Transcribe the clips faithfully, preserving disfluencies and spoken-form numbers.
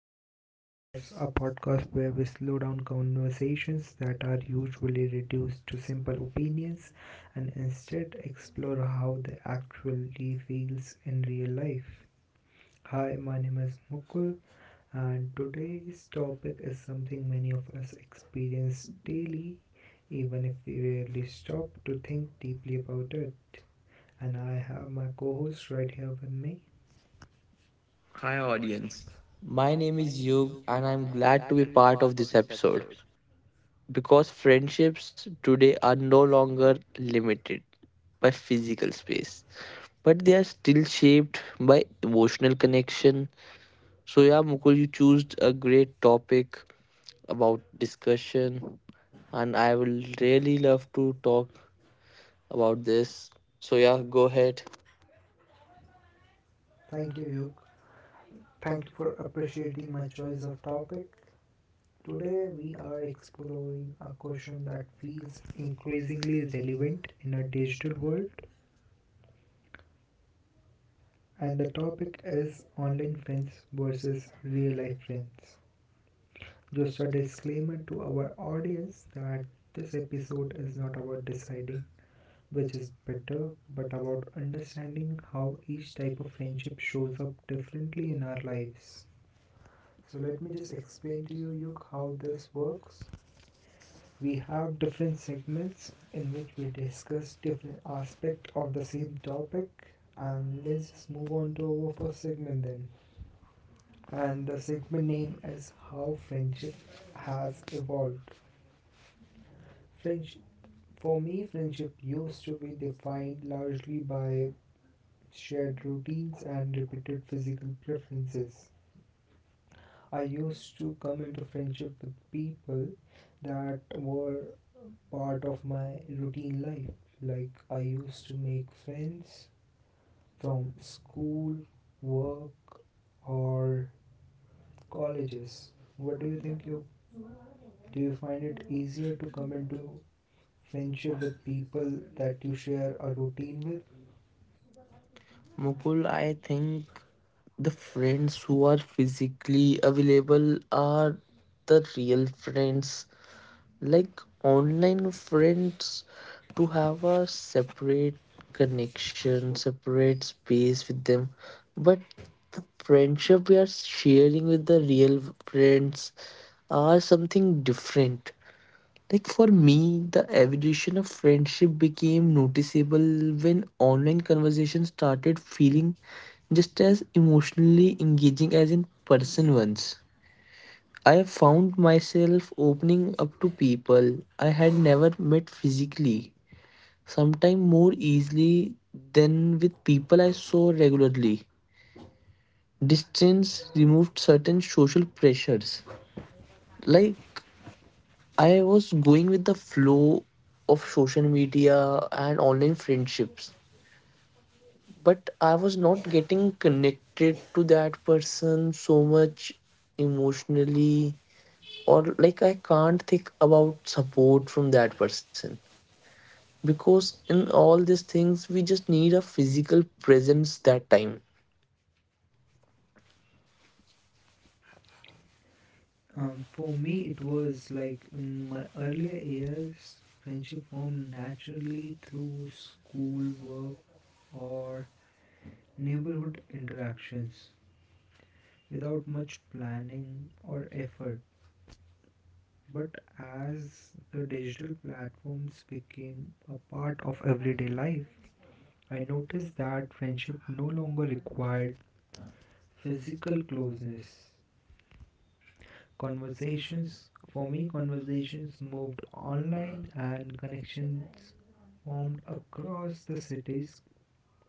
to Office Hours, a podcast where we slow down conversations that are usually reduced to simple opinions and instead explore how they actually feels in real life. Hi, my name is Mukul, and today's topic is something many of us experience daily, even if we rarely stop to think deeply about it. And I have my co host right here with me. Hi, audience. My name is Yug, and I'm glad to be part of this episode because friendships today are no longer limited by physical space, but they are still shaped by emotional connection. So, yeah, Mukul, you chose a great topic about discussion, and I will really love to talk about this. So, yeah, go ahead. Thank you, Yuk. Thank you for appreciating my choice of topic. Today, we are exploring a question that feels increasingly relevant in a digital world, and the topic is online friends versus real life friends. Just a disclaimer to our audience that this episode is not about deciding which is better, but about understanding how each type of friendship shows up differently in our lives. So, let me just explain to you, Yug, how this works. We have different segments in which we discuss different aspects of the same topic, and let's just move on to our first segment then. And the segment name is how friendship has evolved friendship For me, friendship used to be defined largely by shared routines and repeated physical preferences. I used to come into friendship with people that were part of my routine life. Like I used to make friends from school, work, or colleges. What do you think, you? Do you find it easier to come into friendship with people that you share a routine with? Mukul, I think the friends who are physically available are the real friends. Like online friends, to have a separate connection, separate space with them. But the friendship we are sharing with the real friends are something different. Like for me, the evolution of friendship became noticeable when online conversation started feeling just as emotionally engaging as in person ones. I found myself opening up to people I had never met physically, sometimes more easily than with people I saw regularly. Distance removed certain social pressures. Like I was going with the flow of social media and online friendships, but I was not getting connected to that person so much emotionally, or like I can't think about support from that person because in all these things, we just need a physical presence that time. Um, for me, it was like in my earlier years, friendship formed naturally through school, work, or neighborhood interactions without much planning or effort. But as the digital platforms became a part of everyday life, I noticed that friendship no longer required physical closeness. Conversations, for me, conversations moved online and connections formed across the cities,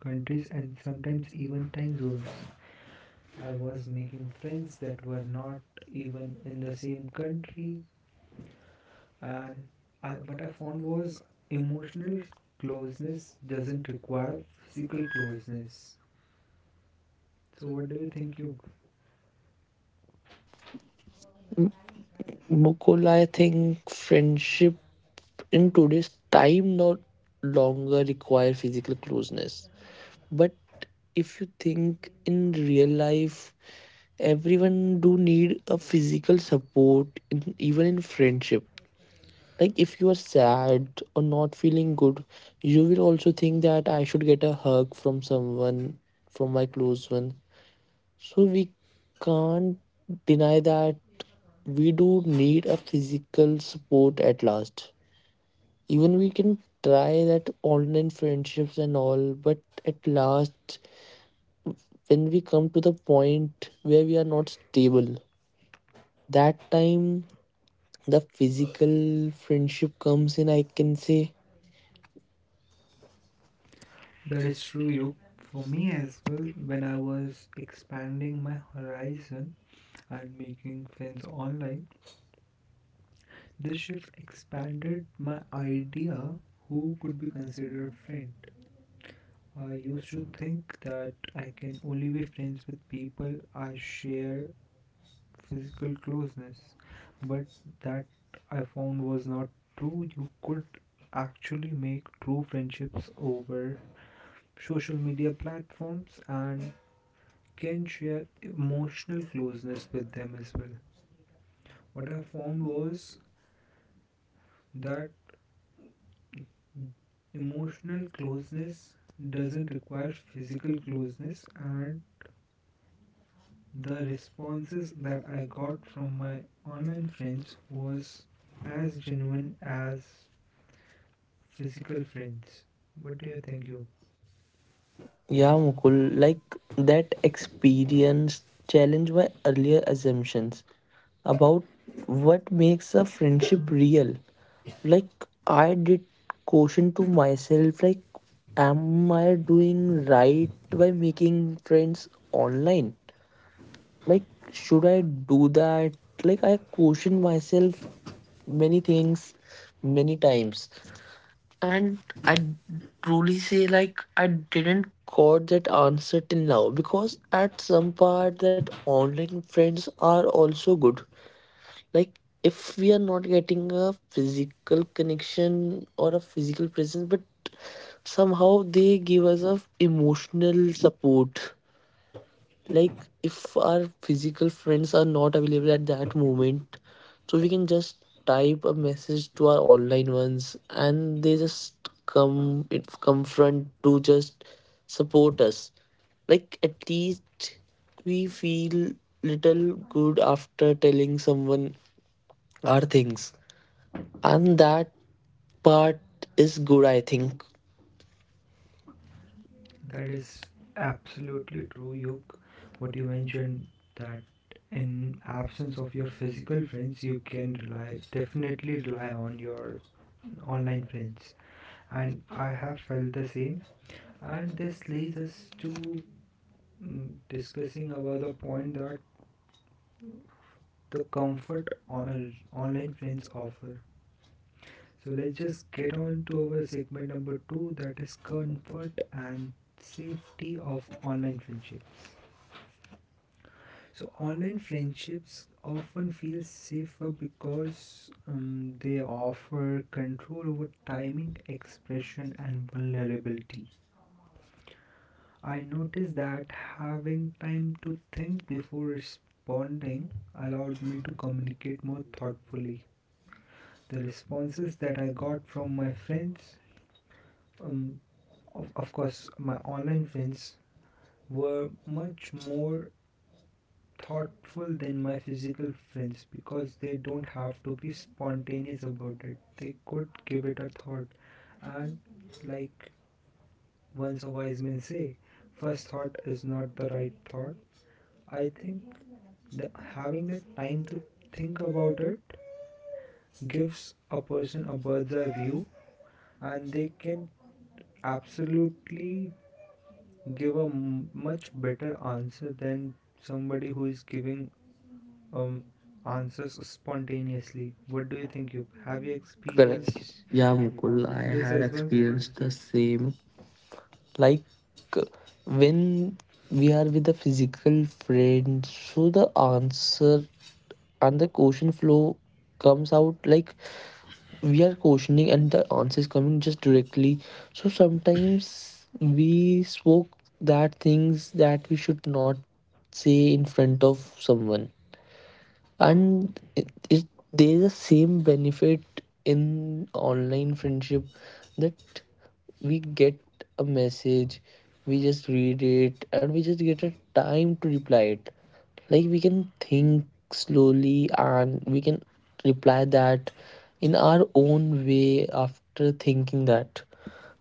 countries, and sometimes even time zones. I was making friends that were not even in the same country, and I, what I found was emotional closeness doesn't require physical closeness. So, what do you think, Yug? Mukul, I think friendship in today's time no longer require physical closeness. But if you think in real life, everyone do need a physical support, in, even in friendship. Like if you are sad or not feeling good, you will also think that I should get a hug from someone, from my close one. So we can't deny that we do need a physical support at last. Even we can try that online friendships and all, but at last when we come to the point where we are not stable, that time the physical friendship comes in, I can say. That is true, Yug. For me as well, when I was expanding my horizon and making friends online, this shift expanded my idea who could be considered a friend. I used to think that I can only be friends with people I share physical closeness, but that I found was not true. You could actually make true friendships over social media platforms and can share emotional closeness with them as well. What I found was that emotional closeness doesn't require physical closeness, and the responses that I got from my online friends was as genuine as physical friends. What do you think, Yog? Yeah, Mukul, like that experience challenged my earlier assumptions about what makes a friendship real. Like I did question to myself, like am I doing right by making friends online? Like should I do that? Like I question myself many things many times, and I truly say like I didn't got that answer till now, because at some part that online friends are also good. Like if we are not getting a physical connection or a physical presence, but somehow they give us a emotional support. Like if our physical friends are not available at that moment, so we can just type a message to our online ones and they just come, it come front to just support us. Like at least we feel little good after telling someone our things, and that part is good, I think. That is absolutely true, Yog. What you mentioned, that in absence of your physical friends you can rely definitely rely on your online friends, and I have felt the same. And this leads us to mm, discussing about the point that the comfort on, online friends offer. So let's just get on to our segment number two, that is comfort and safety of online friendships. So online friendships often feel safer because um, they offer control over timing, expression, and vulnerability. I noticed that having time to think before responding allowed me to communicate more thoughtfully. The responses that I got from my friends, um, of, of course my online friends, were much more thoughtful than my physical friends because they don't have to be spontaneous about it. They could give it a thought. And, like, once a wise man say, first thought is not the right thought. I think that having the time to think about it gives a person a bird's eye view, and they can absolutely give a m- much better answer than somebody who is giving um, answers spontaneously. What do you think? You have you Correct. experienced Yeah, Mukul, I this had as well? experienced the same. Like, uh, when we are with a physical friend, so the answer and the question flow comes out, like we are questioning and the answer is coming just directly, so sometimes we spoke that things that we should not say in front of someone. And it, it there's the same benefit in online friendship that we get a message, we just read it, and we just get a time to reply it. Like we can think slowly and we can reply that in our own way after thinking that.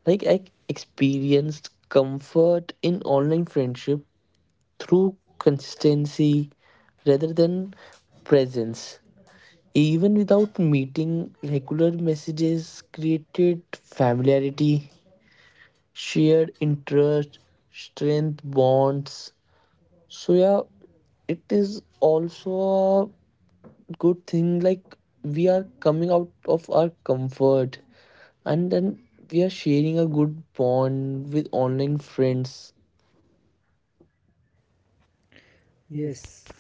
Like I experienced comfort in online friendship through consistency rather than presence. Even without meeting, regular messages created familiarity, shared interest, strength bonds. So yeah, it is also a good thing, like we are coming out of our comfort and then we are sharing a good bond with online friends. Yes,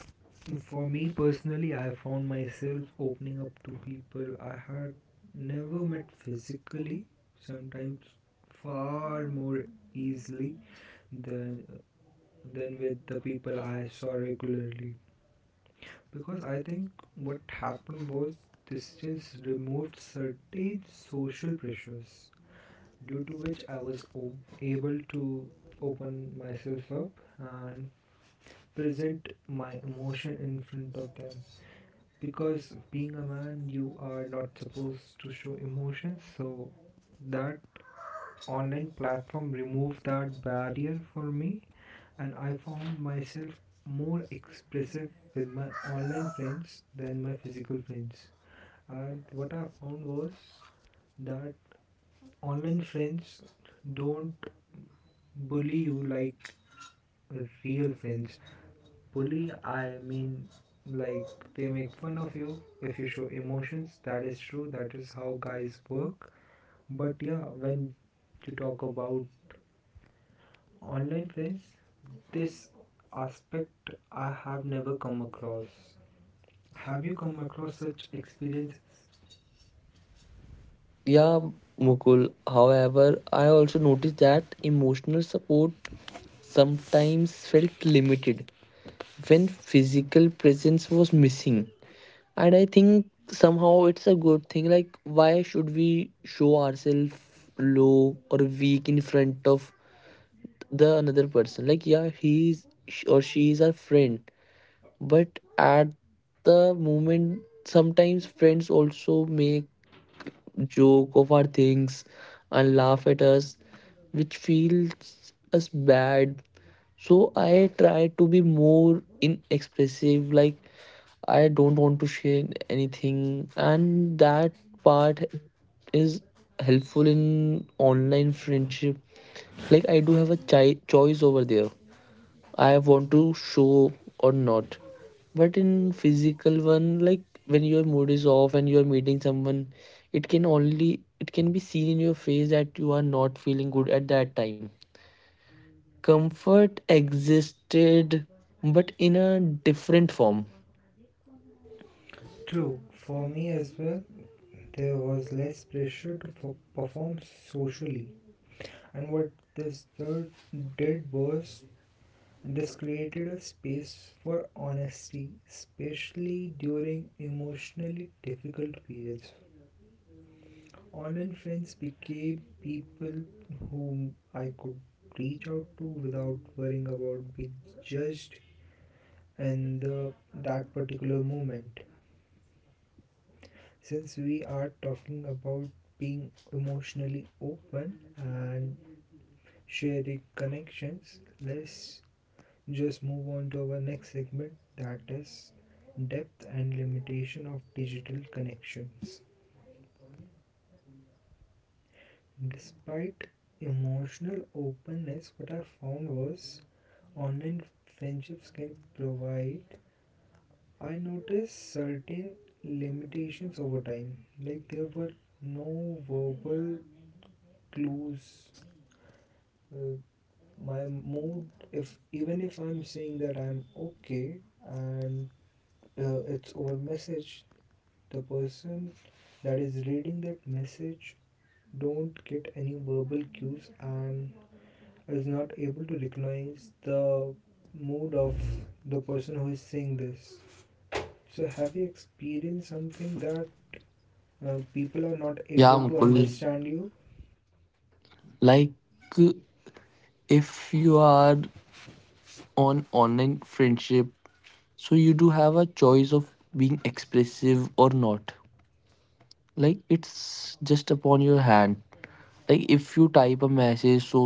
for me personally, I found myself opening up to people I had never met physically, sometimes far more easily than than with the people I saw regularly. Because I think what happened was distance removed certain social pressures due to which I was o- able to open myself up and present my emotion in front of them. Because being a man, you are not supposed to show emotions, so that online platform removed that barrier for me, and I found myself more expressive with my online friends than my physical friends. And what I found was that online friends don't bully you like real friends bully. I mean, like, they make fun of you if you show emotions. That is true. That is how guys work. But yeah, when you talk about online friends, this aspect I have never come across. Have you come across such experiences? Yeah, Mukul, however, I also noticed that emotional support sometimes felt limited when physical presence was missing. And I think somehow it's a good thing. Like, why should we show ourselves low or weak in front of the another person? Like, yeah, he's sh- or she is our friend, but at the moment, sometimes friends also make joke of our things and laugh at us, which feels us bad. So I try to be more inexpressive, like I don't want to share anything, and that part is helpful in online friendship. Like, I do have a chi- choice over there. I want to show or not. But in physical one, like when your mood is off and you're meeting someone, it can only it can be seen in your face that you are not feeling good at that time. Comfort existed, but in a different form. True, for me as well, there was less pressure to f- perform socially. And what this third did was this created a space for honesty, especially during emotionally difficult periods. Online friends became people whom I could reach out to without worrying about being judged in the that particular moment. Since we are talking about being emotionally open and sharing connections, let's just move on to our next segment, that is depth and limitation of digital connections. Despite emotional openness, what I found was online friendships can provide. I noticed certain limitations over time, like there were no verbal clues. Uh, my mood, if even if I'm saying that I'm okay and uh, it's over message, the person that is reading that message don't get any verbal cues and is not able to recognize the mood of the person who is saying this. So, have you experienced something that uh, people are not Yeah, able to Mukul. understand you? Like if you are on online friendship, so you do have a choice of being expressive or not. Like it's just upon your hand. Like if you type a message, so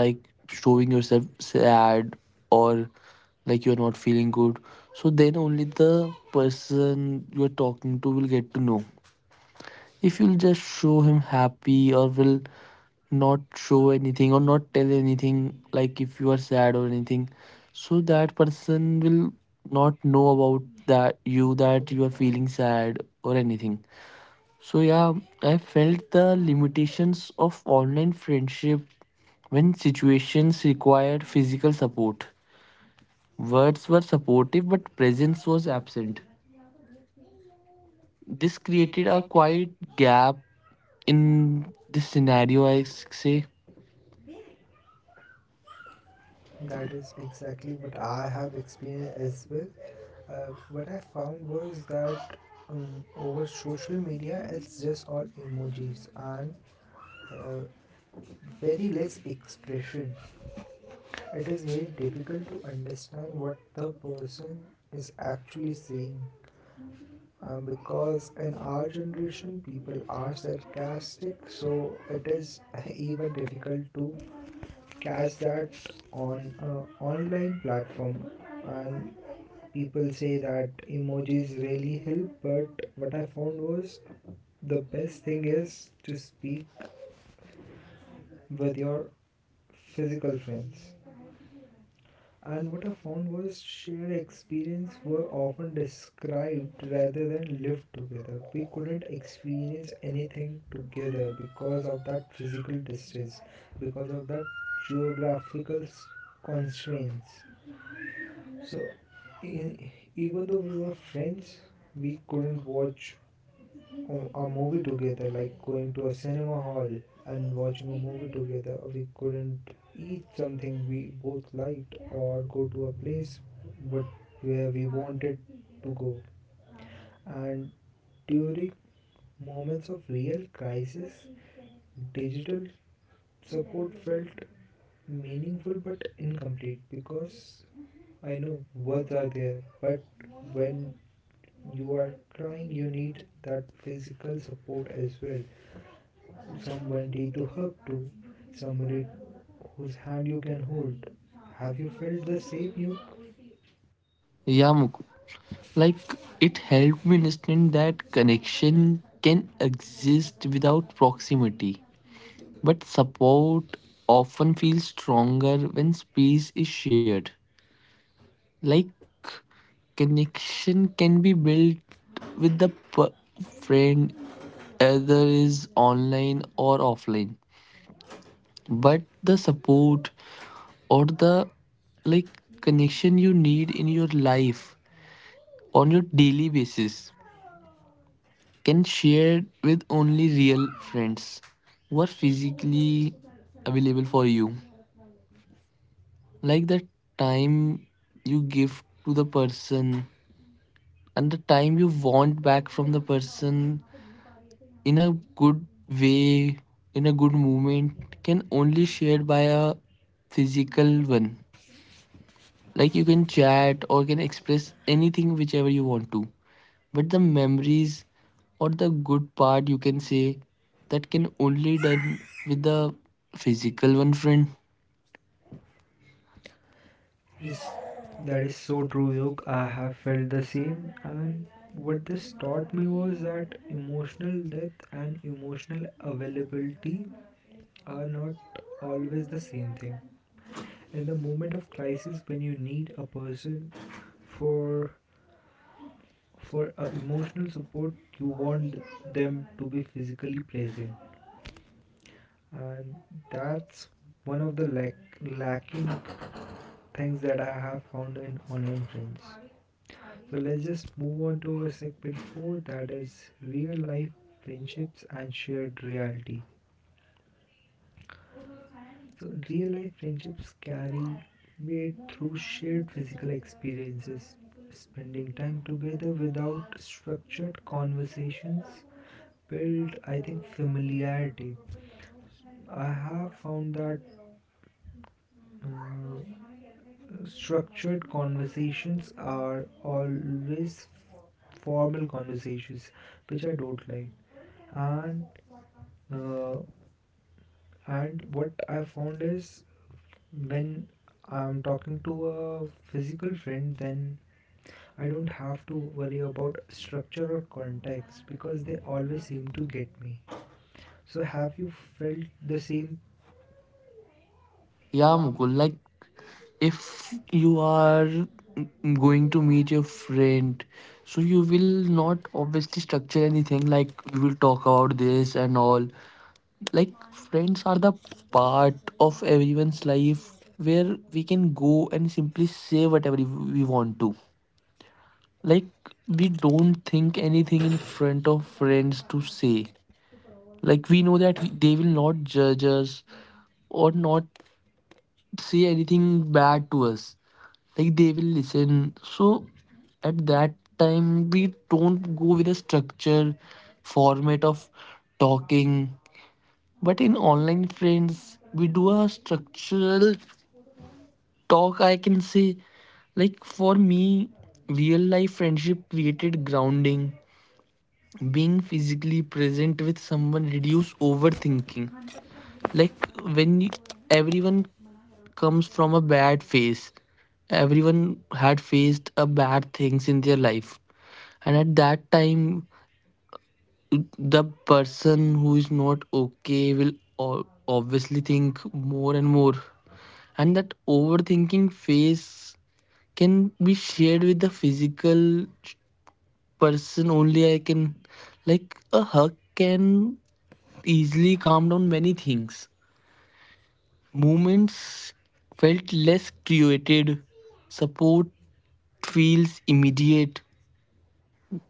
like showing yourself sad or like you're not feeling good, so then only the person you're talking to will get to know. If you'll just show him happy or will not show anything or not tell anything, like if you are sad or anything, so that person will not know about that you that you are feeling sad or anything. So yeah, I felt the limitations of online friendship when situations required physical support. Words were supportive but presence was absent. This created a quiet gap in this scenario, i s- say. That is exactly what I have experienced as well. Uh, what I found was that um, over social media, it's just all emojis, and uh, very less expression. It is very difficult to understand what the person is actually saying. Um, because in our generation, people are sarcastic, so it is even difficult to catch that on a online platform. And people say that emojis really help, but what I found was the best thing is to speak with your physical friends. And what I found was shared experience were often described rather than lived together. We couldn't experience anything together because of that physical distance, because of that geographical s- constraints. So, in, even though we were friends, we couldn't watch a a movie together, like going to a cinema hall and watching a movie together. We couldn't eat something we both liked or go to a place but where we wanted to go. And during moments of real crisis, digital support felt meaningful but incomplete, because I know words are there, but when you are crying, you need that physical support as well. Somebody to hug to, somebody whose hand you can hold. Have you felt the same, you? Yeah, Muk- like it helped me understand that connection can exist without proximity, but support often feels stronger when space is shared. Like connection can be built with the p- friend, either is online or offline. But the support or the like connection you need in your life on your daily basis can share with only real friends who are physically available for you. Like the time you give to the person and the time you want back from the person in a good way, in a good moment, can only shared by a physical one. Like you can chat or can express anything whichever you want to. But the memories or the good part you can say, that can only done with the physical one friend. Yes, that is so true, Yog. I have felt the same. And what this taught me was that emotional depth and emotional availability are not always the same thing. In the moment of crisis, when you need a person for for uh, emotional support, you want them to be physically present, and that's one of the lack, lacking things that I have found in online friends. So let's just move on to our segment four, that is real life friendships and shared reality. So real life friendships carry weight through shared physical experiences. Spending time together without structured conversations build, I think, familiarity. I have found that uh, structured conversations are always formal conversations which I don't like. And uh, and what I found is when I'm talking to a physical friend, then I don't have to worry about structure or context because they always seem to get me. So have you felt the same? Yeah, Mukul, like if you are going to meet your friend, so you will not obviously structure anything, like we will talk about this and all. Like friends are the part of everyone's life where we can go and simply say whatever we want to. Like we don't think anything in front of friends to say. Like we know that we, they will not judge us or not say anything bad to us. Like they will listen, so at that time we don't go with a structure format of talking. But in online friends we do a structural talk, I can say. Like for me, real life friendship created grounding. Being physically present with someone reduce overthinking. Like when you, everyone comes from a bad phase, everyone had faced a bad things in their life, and at that time the person who is not okay will o- obviously think more and more, and that overthinking phase can be shared with the physical person only, I can. Like a hug can easily calm down many things. Moments felt less created. Support feels immediate.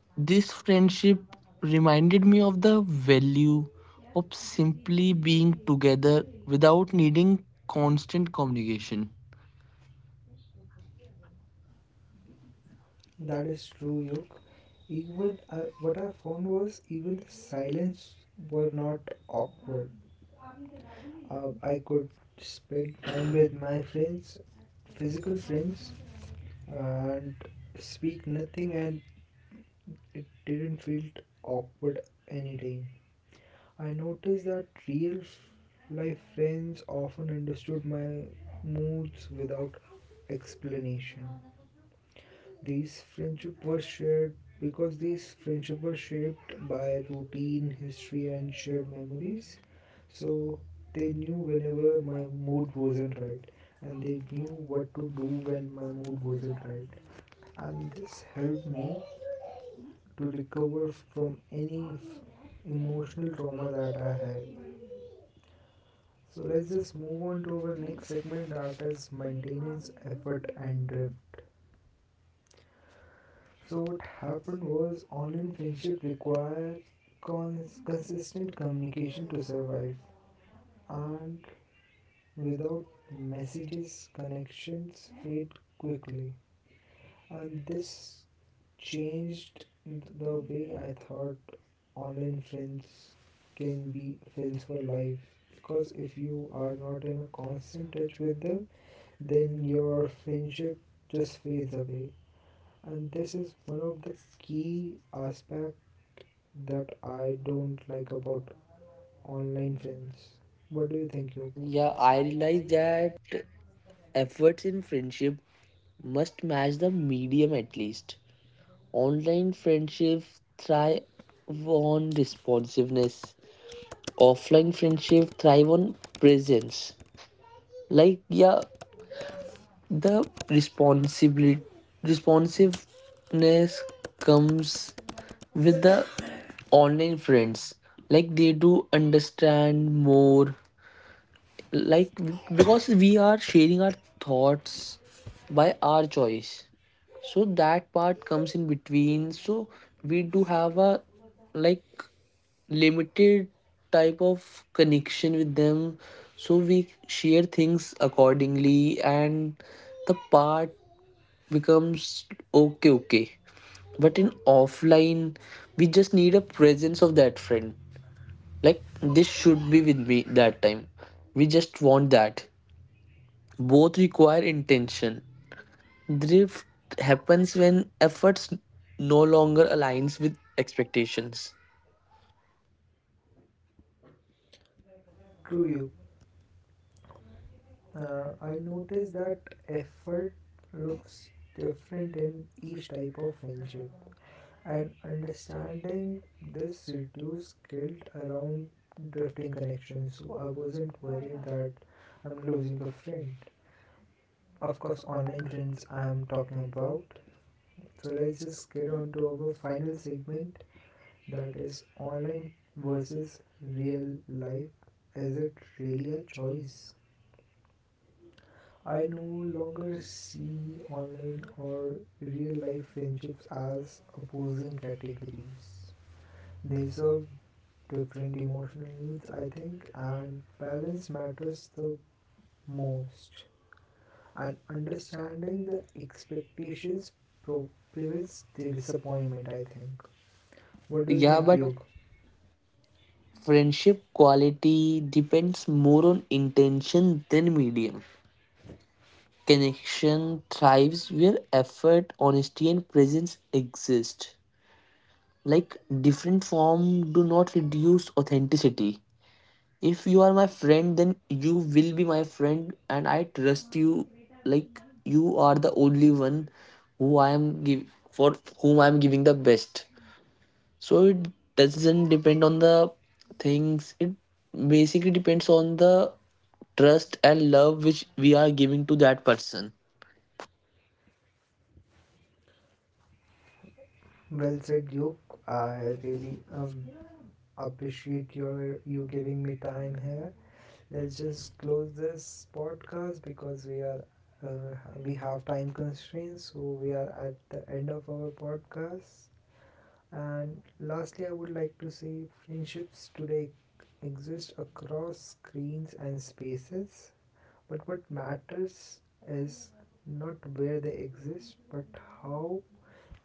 This friendship reminded me of the value of simply being together without needing constant communication. That is true, Yuk. Even uh, what I found was even the silence were not awkward. Uh, I could spend time with my friends, physical friends, and speak nothing, and it didn't feel awkward anytime. I noticed that real life friends often understood my moods without explanation. These friendship were shared because these friendship were shaped by routine, history and shared memories. So they knew whenever my mood wasn't right, and they knew what to do when my mood wasn't right. And this helped me to recover from any f- emotional trauma that I had. So let's just move on to our next segment, that is maintenance, effort, and drift. So what happened was online friendship require cons- consistent communication to survive, and without messages, connections fade quickly. And this changed the way I thought online friends can be friends for life, because if you are not in a constant touch with them, then your friendship just fades away. And this is one of the key aspect that I don't like about online friends. What do you think, you? Yeah, I realized that efforts in friendship must match the medium at least. Online friendships thrive on responsiveness. Offline friendship thrive on presence. Like yeah, the responsibility responsiveness comes with the online friends. Like they do understand more, like we- because we are sharing our thoughts by our choice, so that part comes in between. So we do have a like limited type of connection with them, so we share things accordingly, and the part becomes okay, okay. But in offline we just need a presence of that friend, like this should be with me that time, we just want that. Both require intention. Drift happens when efforts no longer aligns with expectations. True, you. Uh, I noticed that effort looks different in each type of friendship, and understanding this reduced guilt around drifting connections. So I wasn't worried that I'm losing a friend. Of course, online friends I am talking about. So let's just get on to our final segment, that is online versus real life. Is it really a choice? I no longer see online or real life friendships as opposing categories. They serve different emotional needs, I think, and balance matters the most. And understanding the expectations pro- prevents disappointment, I think. What do you Yeah, think, but Yog? friendship quality depends more on intention than medium. Connection thrives where effort, honesty, and presence exist. Like different form do not reduce authenticity. If you are my friend, then you will be my friend, and I trust you. Like you are the only one who I am give for whom I am giving the best. So it doesn't depend on the things. It basically depends on the trust and love which we are giving to that person. Well said, Yog. I really um, appreciate your you giving me time here. Let's just close this podcast because we are uh, we have time constraints, so we are at the end of our podcast. And lastly, I would like to say friendships today exist across screens and spaces, but what matters is not where they exist, but how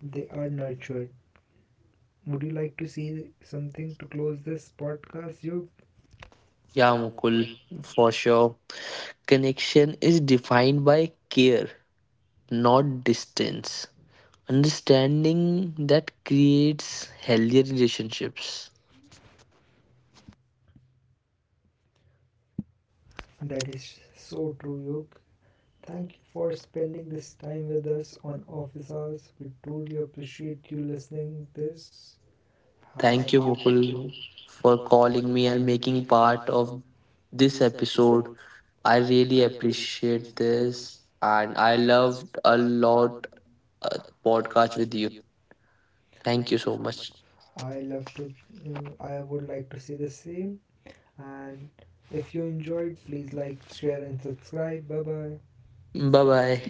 they are nurtured. Would you like to see something to close this podcast, Yug? Yeah, Mukul, for sure. Connection is defined by care, not distance. Understanding that creates healthier relationships. That is so true, Yug. Thank you for spending this time with us on Office Hours. We truly appreciate you listening this. Thank Have you, Mukul, for calling me and making part of this episode. I really appreciate this, and I loved a lot a podcast with you. Thank you so much. I love to, uh, I would like to see the same. And if you enjoyed, please like, share, and subscribe. Bye bye. Bye bye.